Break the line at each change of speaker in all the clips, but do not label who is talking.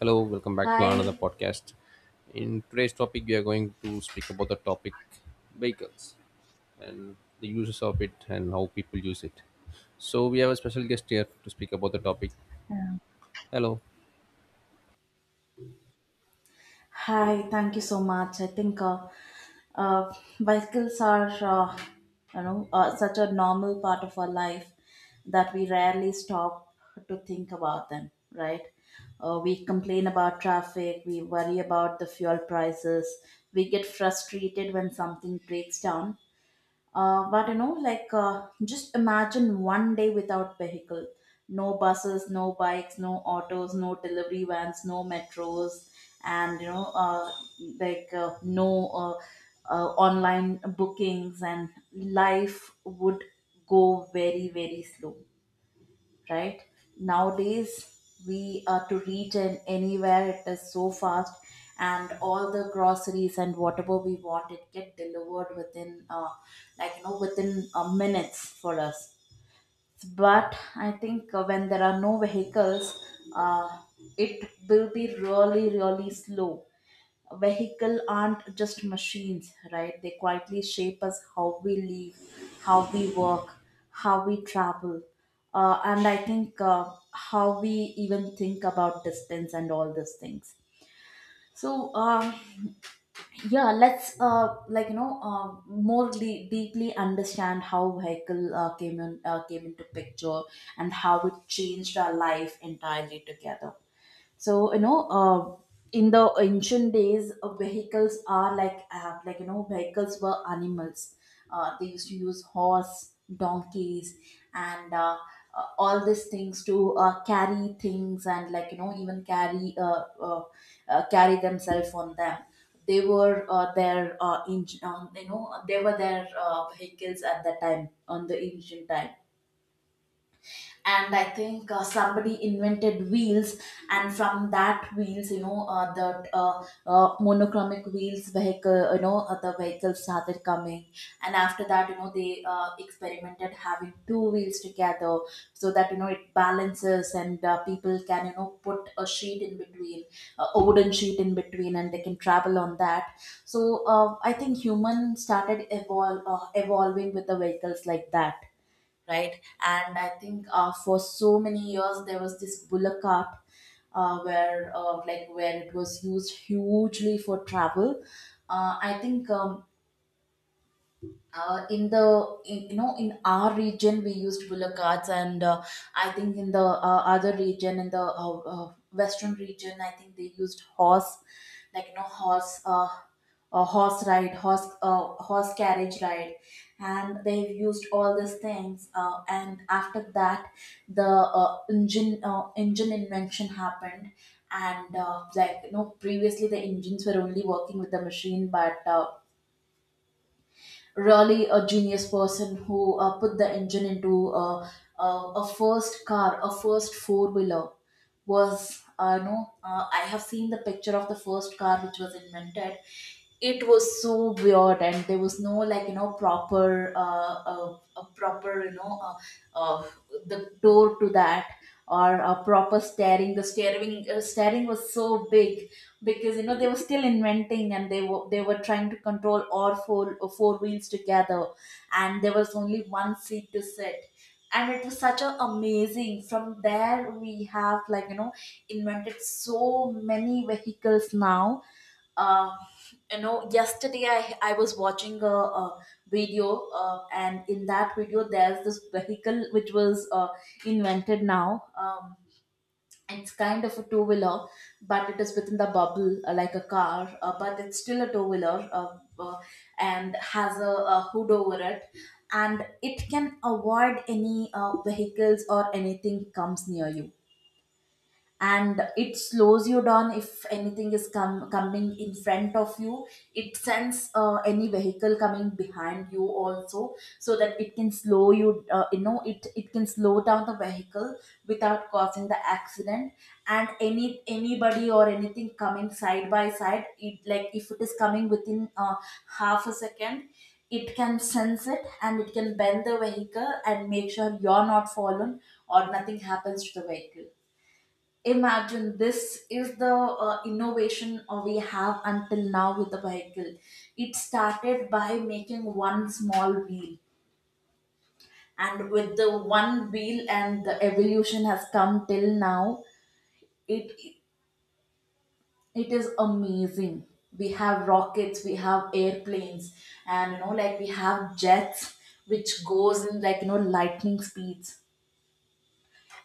Hello, welcome back to another
Hi.
podcast. In today's topic, we are going to speak about the topic vehicles and the uses of it and how people use it. So, we have a special guest here to speak about the topic.
Yeah.
Hello.
Hi. Thank you so much. I think uh, bicycles are, such a normal part of our life that we rarely stop to think about them, right? We complain about traffic, we worry about the fuel prices, we get frustrated when something breaks down. But you know, just imagine one day without vehicle. No buses, no bikes, no autos, no delivery vans, no metros, and no online bookings, and life would go very, very slow, right? Nowadays we are to reach in anywhere, it is so fast, and all the groceries and whatever we want it get delivered within minutes for us. But I think when there are no vehicles, uh, it will be really, really slow. Vehicle aren't just machines, right? They quietly shape us: how we live, how we work, how we travel, and I think how we even think about distance and all these things. So yeah, let's more deeply understand how vehicle came into picture, and how it changed our life entirely together. So in the ancient days, vehicles are vehicles were animals. They used to use horse, donkeys, and all these things to carry things, and like you know, even carry themselves on them. They were their in, you know they were their vehicles at that time, on the ancient time. And I think somebody invented wheels, and from that wheels, you know, the monochromic wheels vehicle, you know, the vehicles started coming. And after that, you know, they experimented having two wheels together, so that you know it balances, and people can, you know, put a sheet in between, a wooden sheet in between, and they can travel on that. So I think humans started evolving with the vehicles like that, right? And I think for so many years there was this bullock cart, where like where it was used hugely for travel. I think in, you know, in our region we used bullock carts, and I think in the other region, in the western region, I think they used horse, like you know, horse a horse ride horse horse carriage ride. And they've used all these things, and after that the engine invention happened. And like you know, previously the engines were only working with the machine, but really a genius person who put the engine into a first car, a first four wheeler. Was no, I have seen the picture of the first car which was invented. It was so weird, and there was no proper, a proper, uh, the door to that, or a proper steering. The steering, steering was so big, because you know they were still inventing, and they were trying to control all four wheels together, and there was only one seat to sit. And it was such a amazing. From there we have, invented so many vehicles now. uh, you know, yesterday I was watching a video, and in that video there's this vehicle which was invented now. um, it's kind of a two wheeler, but it is within the bubble, like a car, but it's still a two wheeler, and has a hood over it. And it can avoid any vehicles or anything comes near you, and it slows you down if anything coming in front of you. It sends any vehicle coming behind you also, so that it can slow you, you know it can slow down the vehicle without causing the accident. And anybody or anything coming side by side, it, like, if it is coming within half a second, it can sense it, and it can bend the vehicle and make sure you're not fallen or nothing happens to the vehicle. Imagine this is the innovation we have until now with the vehicle. It started by making one small wheel, and with the one wheel, and the evolution has come till now. It it is amazing. We have rockets, we have airplanes, and you know, like we have jets which goes in, lightning speeds,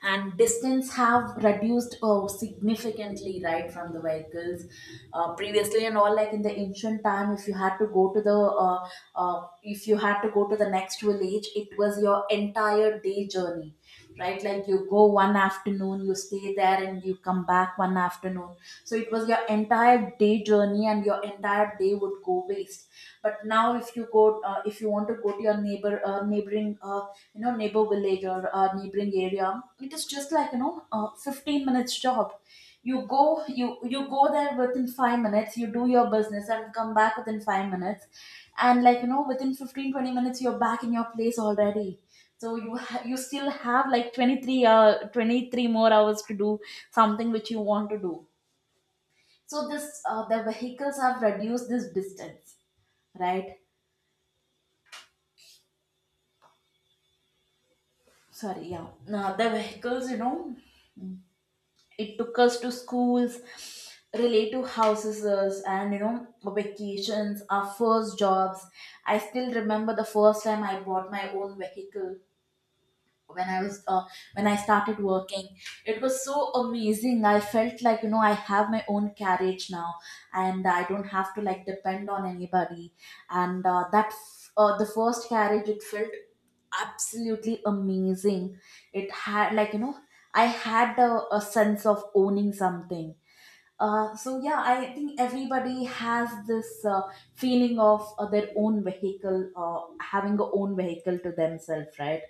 and distance have reduced significantly, right, from the vehicles. Previously and all, like in the ancient time, if you had to go to the uh, if you had to go to the next village, it was your entire day journey, right? Like you go one afternoon, you stay there, and you come back one afternoon. So it was your entire day journey, and your entire day would go waste. But now if you Go if you want to go to your neighboring, you know neighbor village, or neighboring area, it is just 15 minutes job. You go, you go there within 5 minutes, you do your business and come back within 5 minutes, and within 15-20 minutes you're back in your place already. So you you still have like 23 23 more hours to do something which you want to do. So this the vehicles have reduced this distance, right? Sorry. Yeah, now the vehicles, you know, it took us to schools, relative houses, and you know, vacations, our first jobs. I still remember the first time I bought my own vehicle, when I was when I started working. It was so amazing. I felt like, you know, I have my own carriage now, and I don't have to like depend on anybody. And the first carriage, it felt absolutely amazing. It had, like you know, I had a sense of owning something. So yeah, I think everybody has this feeling of their own vehicle, having a own vehicle to themselves, right?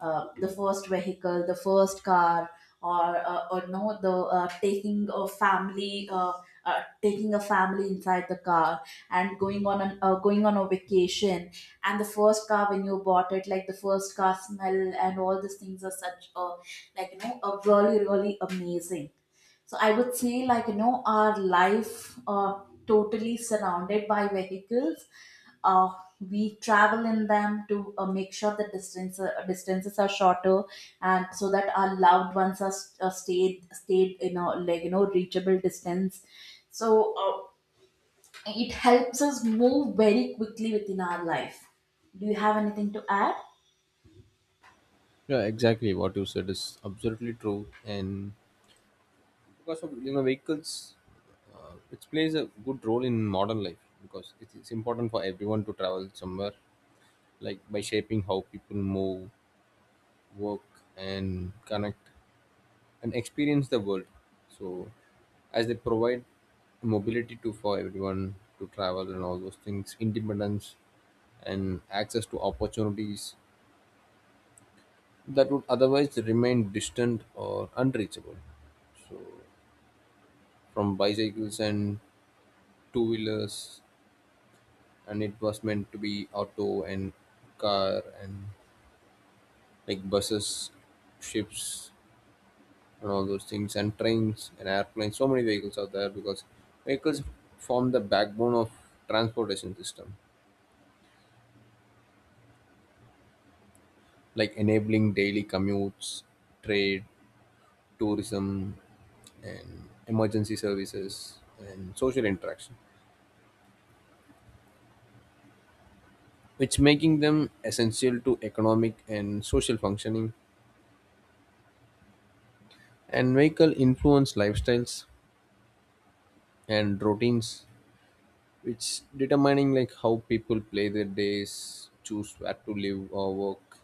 The first vehicle, the first car, or no, the taking a family inside the car, and going on an going on a vacation. And the first car when you bought it, like the first car smell and all these things are such a, a really, really amazing. So I would say, like, you know, our life totally surrounded by vehicles. Uh, we travel in them to make sure the distance, distances are shorter, and so that our loved ones are stayed in a, like, you know, reachable distance. So it helps us move very quickly within our life. Do you have anything to add?
Yeah, exactly what you said is absolutely true. And because of vehicles, it plays a good role in modern life because it is important for everyone to travel somewhere, like by shaping how people move, work, and connect and experience the world. So, as they provide mobility to for everyone to travel and all those things, independence and access to opportunities that would otherwise remain distant or unreachable. So, from bicycles and two wheelers, and it was meant to be auto and car and like buses, ships, and all those things and trains and airplanes, so many vehicles out there because vehicles form the backbone of transportation system, like enabling daily commutes, trade, tourism, and emergency services, and social interaction, which making them essential to economic and social functioning. And vehicle influence lifestyles and routines, which determining like how people play their days, choose where to live or work,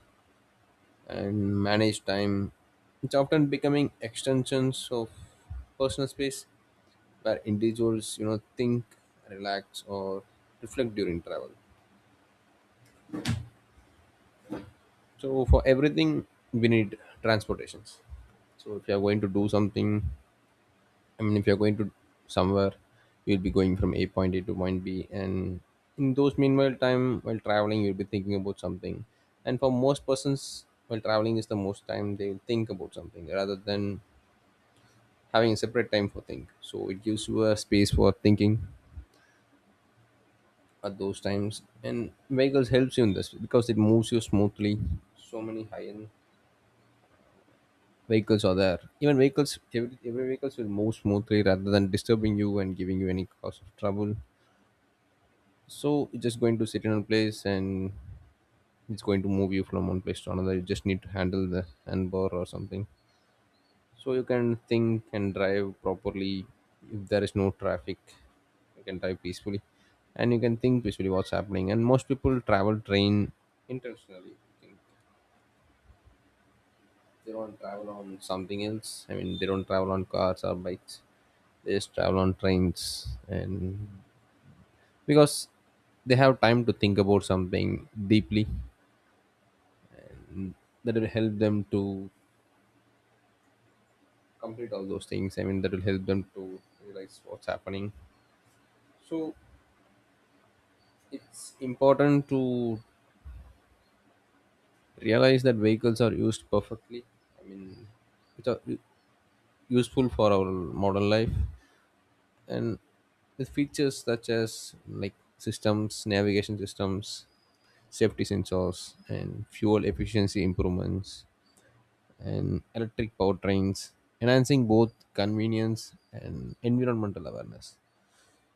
and manage time. It's often becoming extensions of personal space where individuals, you know, think, relax, or reflect during travel. So for everything, we need transportations. So if you are going to do something, I mean, if you are going to somewhere, you'll be going from A point A to point B, and in those meanwhile time while traveling, you'll be thinking about something. And for most persons, while traveling is the most time they think about something rather than having a separate time for think, so it gives you a space for thinking at those times. And vehicles helps you in this because it moves you smoothly. So many high-end vehicles are there, even vehicles, every vehicles will move smoothly rather than disturbing you and giving you any cause of trouble. So it's just going to sit in a place and it's going to move you from one place to another. You just need to handle the handbar or something, so you can think and drive properly. If there is no traffic, you can drive peacefully and you can think peacefully what's happening. And most people travel train intentionally, I think. They don't travel on something else. I mean, they don't travel on cars or bikes, they just travel on trains. And because they have time to think about something deeply. Mm, that will help them to complete all those things. I mean, that will help them to realize what's happening. So it's important to realize that vehicles are used perfectly. I mean, which are useful for our modern life, and with features such as like systems, navigation systems, safety sensors, and fuel efficiency improvements, and electric powertrains, enhancing both convenience and environmental awareness.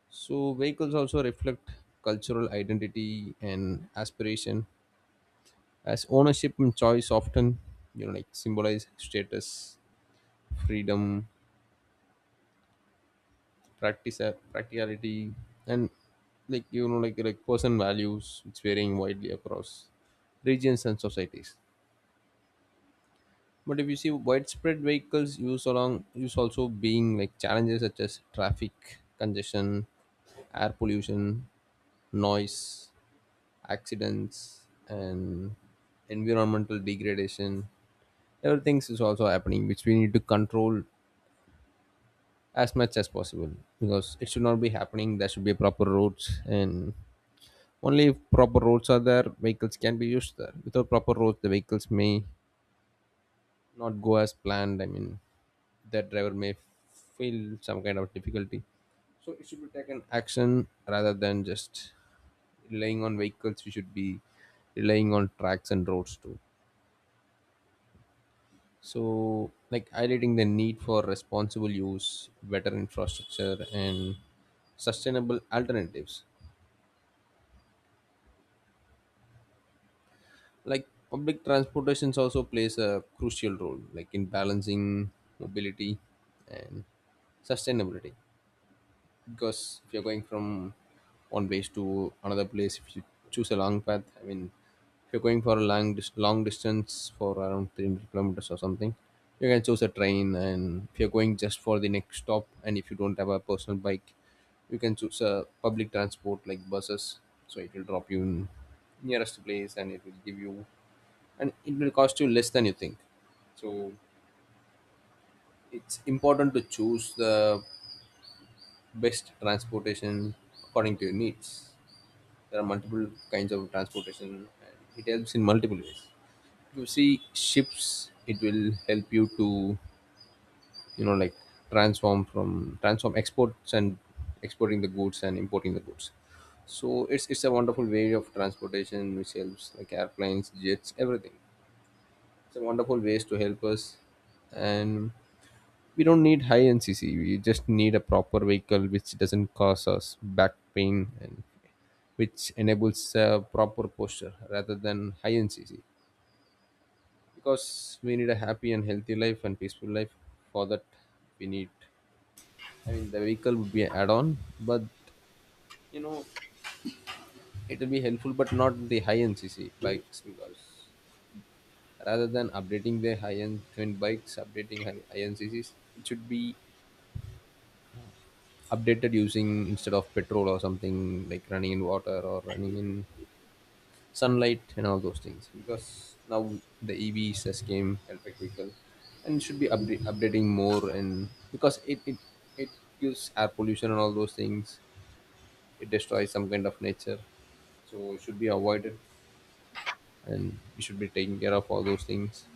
So, vehicles also reflect cultural identity and aspiration as ownership and choice often, you know, like symbolize status, freedom, practice, practicality, and like person values. It's varying widely across regions and societies. But if you see widespread vehicles use along use also being like challenges such as traffic congestion, air pollution, noise, accidents, and environmental degradation, everything is also happening which we need to control as much as possible because it should not be happening. There should be proper roads, and only if proper roads are there vehicles can be used there. Without proper roads the vehicles may not go as planned. I mean, the driver may feel some kind of difficulty. So it should be taken action rather than just relying on vehicles. We should be relying on tracks and roads too. So, like highlighting the need for responsible use, better infrastructure, and sustainable alternatives. Like public transportations also plays a crucial role, like in balancing mobility and sustainability. Because if you're going from one place to another place, if you choose a long path, I mean, if you're going for a long long distance for around 300 kilometers or something, you can choose a train. And if you're going just for the next stop and if you don't have a personal bike, you can choose a public transport like buses. So it will drop you in nearest place and it will give you and it will cost you less than you think. So it's important to choose the best transportation according to your needs. There are multiple kinds of transportation, and it helps in multiple ways. You see, ships, it will help you to, you know, like transform from transform exports and exporting the goods and importing the goods. So it's a wonderful way of transportation which helps like airplanes, jets, everything. It's a wonderful ways to help us, and we don't need high NCC. We just need a proper vehicle which doesn't cause us back pain and which enables a proper posture rather than high NCC. Because we need a happy and healthy life and peaceful life. For that, we need. I mean, the vehicle would be an add-on, but you know, it will be helpful, but not the high NCC bikes. Because rather than updating the high-end twin bikes, updating high NCCs, it should be updated using instead of petrol or something like running in water or running in sunlight and all those things because now the evs has came electric vehicle and should be update, updating more. And because it it gives air pollution and all those things, it destroys some kind of nature, so it should be avoided. And we should be taking care of all those things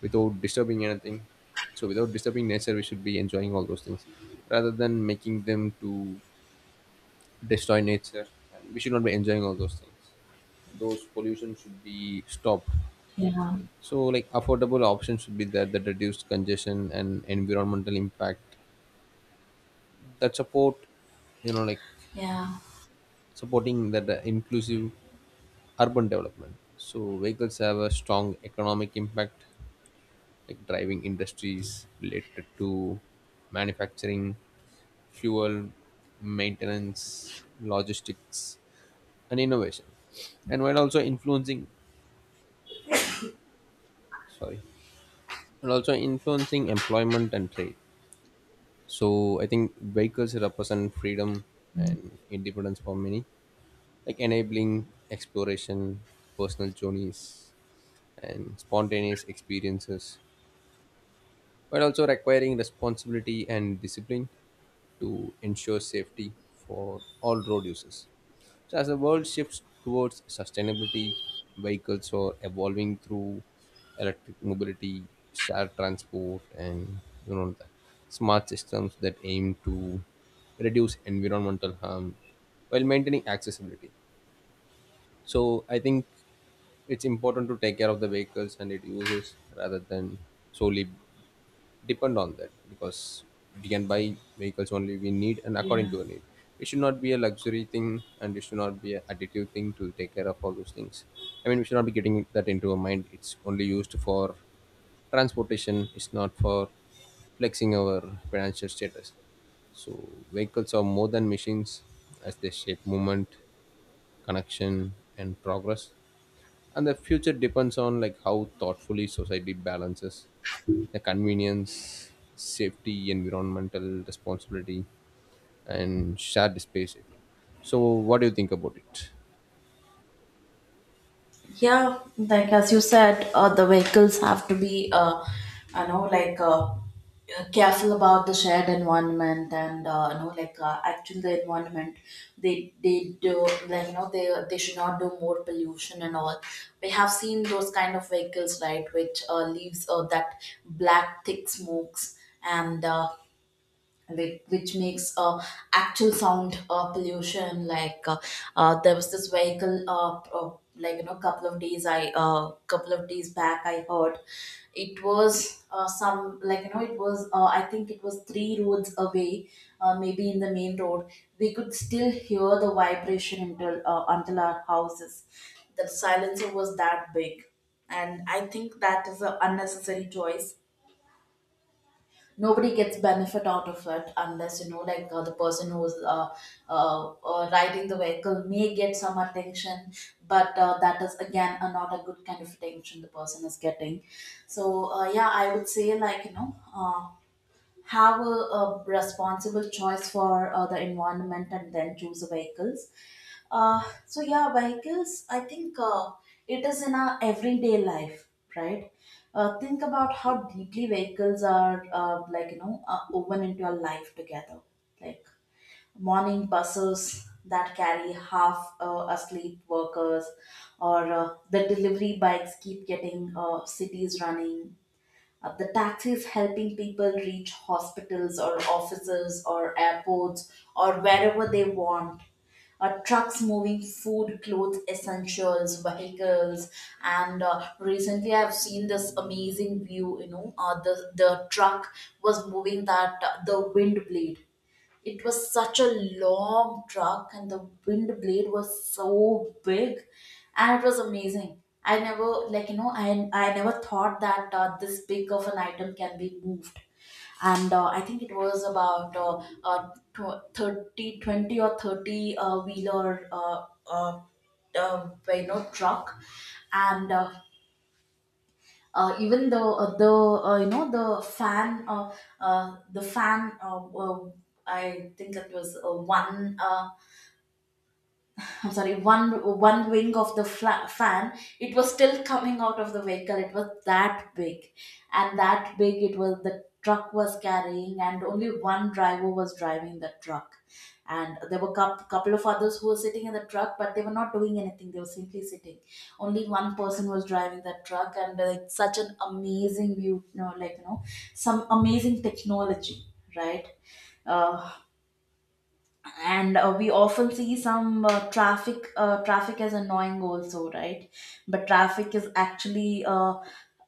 without disturbing anything. So without disturbing nature we should be enjoying all those things rather than making them to destroy nature. And we should not be enjoying all those things. Those pollution should be stopped.
Yeah.
So, like affordable options should be there that reduce congestion and environmental impact that support, you know, like
Yeah.
supporting that inclusive urban development. So, vehicles have a strong economic impact, like driving industries related to manufacturing, fuel, maintenance, logistics, and innovation, and while also influencing, sorry, and also influencing employment and trade. So I think vehicles represent freedom and independence for many, like enabling exploration, personal journeys, and spontaneous experiences but also requiring responsibility and discipline to ensure safety for all road users. So, as the world shifts towards sustainability, vehicles are evolving through electric mobility, shared transport, and, you know, the smart systems that aim to reduce environmental harm while maintaining accessibility. So, I think it's important to take care of the vehicles and its users rather than solely depend on that, because we can buy vehicles only we need and
Yeah.
according to our need. It should not be a luxury thing and it should not be an additive thing to take care of all those things. I mean, we should not be getting that into our mind. It's only used for transportation, it's not for flexing our financial status. So vehicles are more than machines, as they shape movement, connection and progress. And the future depends on like how thoughtfully society balances the convenience, safety, environmental responsibility, and shared space. I think. So, what do you think about it?
Yeah, like as you said, the vehicles have to be, I know, careful about the shared environment and actually the environment. They do, like you know, they should not do more pollution and all. We have seen those kind of vehicles, right, which leaves that black thick smokes, and. Like which makes actual sound pollution. There was this vehicle, like you know couple of days I couple of days back I heard. It was some, it was I think it was three roads away, maybe in the main road. We could still hear the vibration until our houses. The silencer was that big, and I think that is an unnecessary choice. Nobody gets benefit out of it, unless you know, the person who's riding the vehicle may get some attention, but that is again not a good kind of attention the person is getting. So yeah, I would say, like you know, have a responsible choice for the environment, and then choose the vehicles. So yeah, vehicles, I think it is in our everyday life, right? Think about how deeply vehicles are, woven into our life together. Like morning buses that carry half asleep workers, or the delivery bikes keep getting cities running. The taxis helping people reach hospitals or offices or airports, or wherever they want. Trucks moving food, clothes, essentials, vehicles, and recently I've seen this amazing view. You know, the truck was moving that the wind blade. It was such a long truck, and the wind blade was so big, and it was amazing. I never, I never thought that this big of an item can be moved, and I think it was about 30 20 or 30 wheeler truck. And even the the fan, uh, the fan uh, uh, I think it was one— I'm sorry, one wing of the fan, it was still coming out of the vehicle. It was that big, and that big it was, the truck was carrying, and only one driver was driving the truck. And there were a couple of others who were sitting in the truck, but they were not doing anything. They were simply sitting. Only one person was driving that truck, and it's such an amazing view, some amazing technology, right? uh, and we often see some traffic as annoying also, right? But traffic is actually,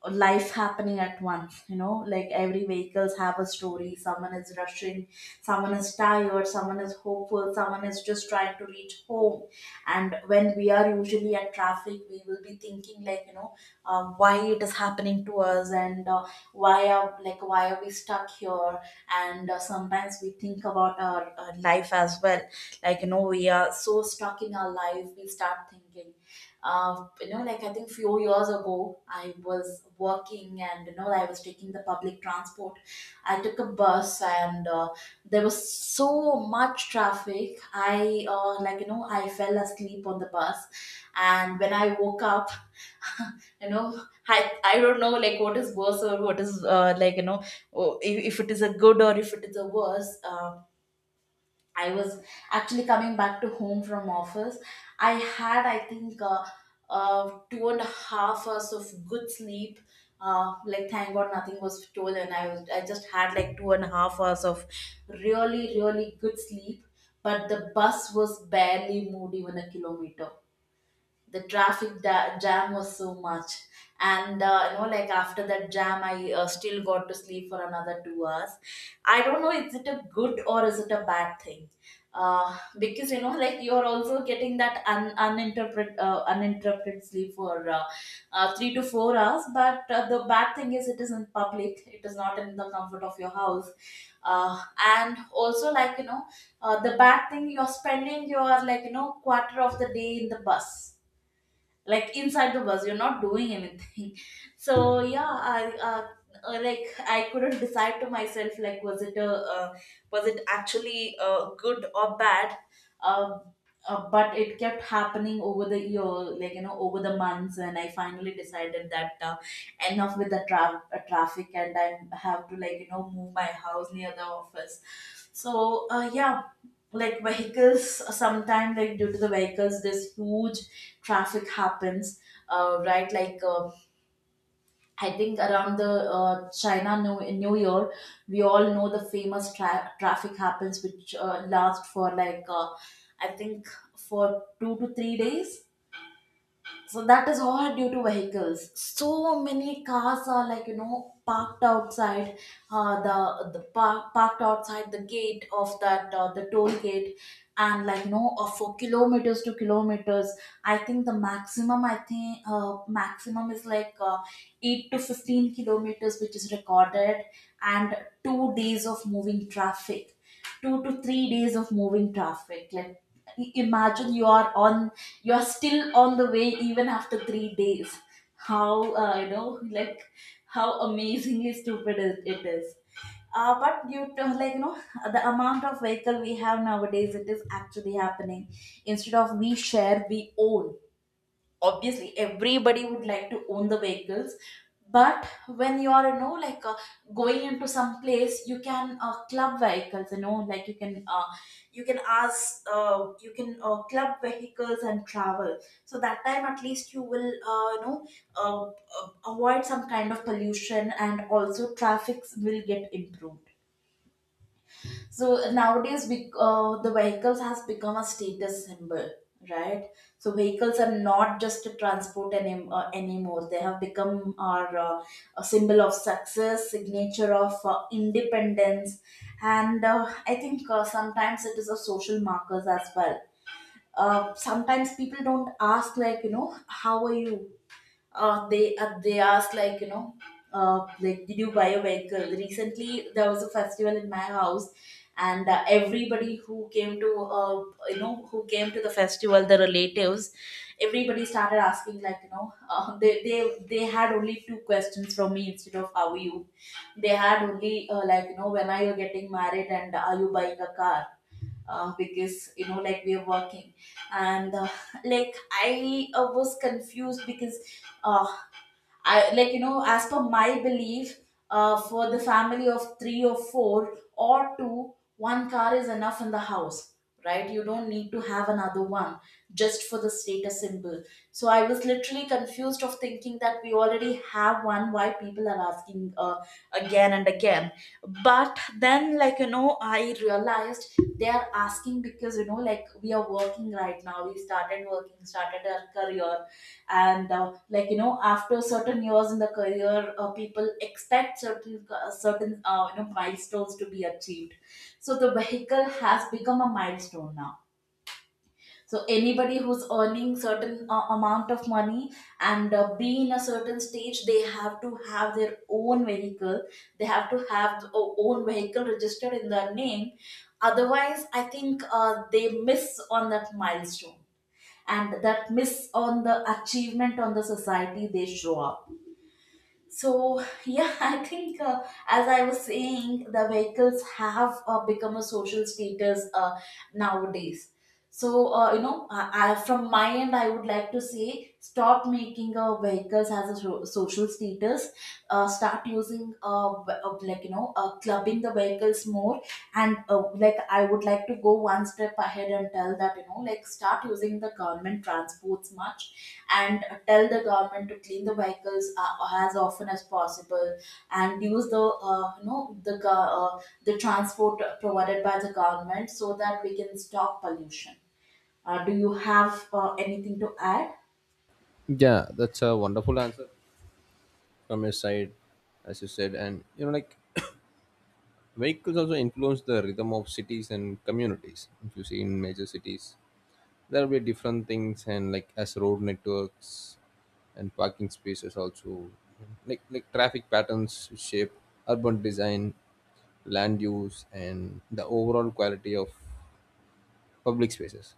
life happening at once, you know, like, every vehicles have a story. Someone is rushing, someone is tired, someone is hopeful, someone is just trying to reach home. And when we are usually at traffic, we will be thinking, like you know, why it is happening to us, and why are, like, why are we stuck here? And sometimes we think about our life as well. Like you know, we are so stuck in our life, we start thinking. You know, like, I think few years ago, I was working, and you know, I was taking the public transport. I took a bus, and there was so much traffic, I, like you know, I fell asleep on the bus. And when I woke up, you know, I don't know, like, what is worse, or what is, like you know, oh, if it is a good or if it is a worse. I was actually coming back to home from office. I had, I think, two and a half hours of good sleep. Like, thank god nothing was stolen. I was, I just had, like, two and a half hours of really really good sleep. But the bus was barely moved even a kilometer, the traffic jam was so much. And you know, like, after that jam, I, still got to sleep for another 2 hours. I don't know, is it a good or is it a bad thing? Because you know, like, you are also getting that un- uninterpret uninterrupted sleep for 3 to 4 hours. But the bad thing is, it is in public, it is not in the comfort of your house. uh, and also, like you know, the bad thing, you're spending your, like you know, quarter of the day in the bus. Like, inside the bus you're not doing anything. So yeah, I like, I couldn't decide to myself, like, was it a, uh, was it actually good or bad? uh, but it kept happening over the year, like you know, over the months, and I finally decided that, enough with the traffic, and I have to, like you know, move my house near the office. So yeah, like, vehicles, sometimes, like, due to the vehicles this huge traffic happens. Right, like, I think around the uh, china new, new year, we all know the famous traffic happens, which last for like, I think, for 2 to 3 days. So that is all due to vehicles. So many cars are, like you know, parked outside parked outside the gate of that, the toll gate, and like you know, for kilometers to kilometers. I think the maximum, I think maximum is like, 8 to 15 kilometers, which is recorded, and 2 days of moving traffic, 2 to 3 days of moving traffic. Like, imagine you are on, you're still on the way even after 3 days. How, you know, like, how amazingly stupid it is. But you to, like you know, the amount of vehicle we have nowadays, it is actually happening. Instead of, we share, we own. Obviously everybody would like to own the vehicles. But when you are, you know, like, going into some place, you can club vehicles, you know, like, you can ask, you can club vehicles and travel. So that time at least you will you know, avoid some kind of pollution, and also traffic will get improved. So nowadays, the vehicles has become a status symbol, right? So vehicles are not just a transport anymore. They have become our, a symbol of success, signature of independence. And I think sometimes it is a social markers as well. Sometimes people don't ask, like you know, how are you. They ask like you know, like, did you buy a vehicle recently? There was a festival in my house, and everybody who came to, you know, who came to the festival, the relatives, everybody started asking, like you know, they had only two questions from me instead of how are you. They had only, like you know, when are you getting married, and are you buying a car? Because you know, like, we are working. And like, I was confused, because uh, I, like you know, as per my belief, for the family of three or four or two, one car is enough in the house, right? You don't need to have another one just for the status symbol. So I was literally confused of thinking that we already have one. Why people are asking, again and again? But then, like you know, I realized, they are asking because, you know, like, we are working right now, we started working, started our career. And like you know, after certain years in the career, people expect certain, you know, milestones to be achieved. So the vehicle has become a milestone now. So anybody who's earning certain, amount of money, and be in a certain stage, they have to have their own vehicle. They have to have their own vehicle registered in their name. Otherwise, I think they miss on that milestone, and that miss on the achievement on the society they show up. So yeah, I think, as I was saying, the vehicles have become a social status nowadays. So, you know, I, from my end, I would like to say, stop making vehicles as a social status. Start using, like, you know, clubbing the vehicles more. And like, I would like to go one step ahead and tell that, you know, like, start using the government transports much, and tell the government to clean the vehicles as often as possible, and use the, you know, uh, the transport provided by the government, so that we can stop pollution. Do you have anything to add?
Yeah, that's a wonderful answer from your side, as you said. And, you know, like vehicles also influence the rhythm of cities and communities. If you see in major cities, there will be different things, and like as road networks and parking spaces also, like traffic patterns shape urban design, land use and the overall quality of public spaces,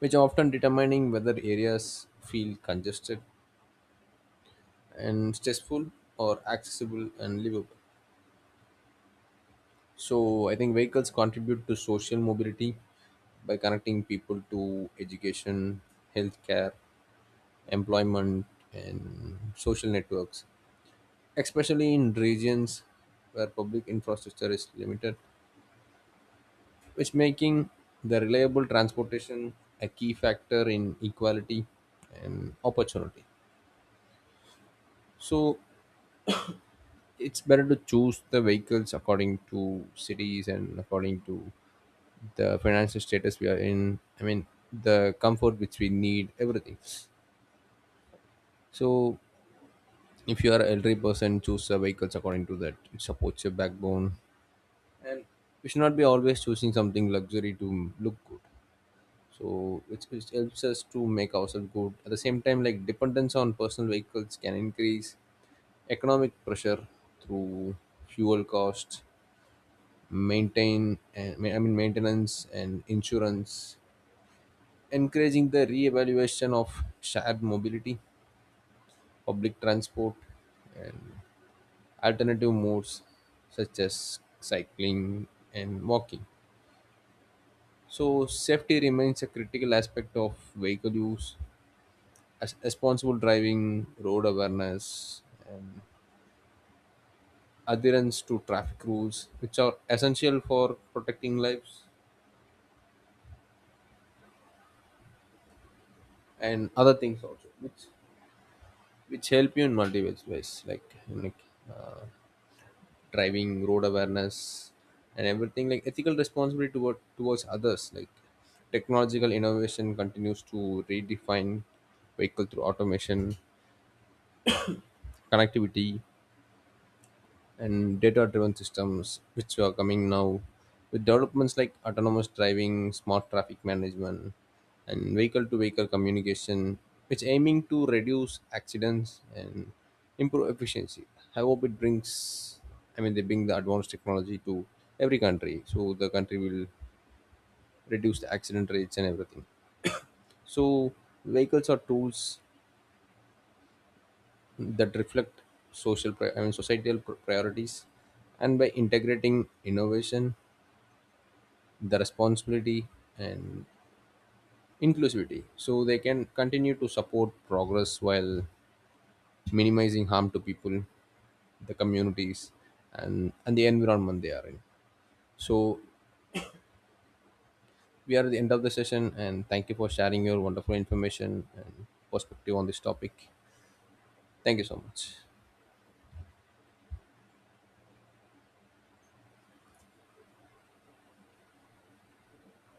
which are often determining whether areas feel congested and stressful or accessible and livable. So I think vehicles contribute to social mobility by connecting people to education, healthcare, employment, and social networks, especially in regions where public infrastructure is limited, which making the reliable transportation a key factor in equality and opportunity. So it's better to choose the vehicles according to cities and according to the financial status we are in. I mean, the comfort which we need, everything. So if you are elderly person, choose the vehicles according to that. It supports your backbone, and we should not be always choosing something luxury to look good. So it helps us to make ourselves good. At the same time, like dependence on personal vehicles can increase economic pressure through fuel costs, maintain, and I mean maintenance and insurance, encouraging the re-evaluation of shared mobility, public transport, and alternative modes such as cycling and walking. So safety remains a critical aspect of vehicle use as responsible driving, road awareness, and adherence to traffic rules, which are essential for protecting lives and other things also, which help you in multiple ways, like uh, driving, road awareness, and everything. Like ethical responsibility toward towards others, like technological innovation continues to redefine vehicle through automation, connectivity, and data driven systems which are coming now with developments like autonomous driving, smart traffic management, and vehicle to vehicle communication, which aiming to reduce accidents and improve efficiency. I hope it brings, I mean they bring the advanced technology to every country, so the country will reduce the accident rates and everything. So vehicles are tools that reflect social I mean societal priorities, and by integrating innovation, the responsibility, and inclusivity, so they can continue to support progress while minimizing harm to people, the communities, and the environment they are in. So we are at the end of the session, and thank you for sharing your wonderful information and perspective on this topic. Thank you so much.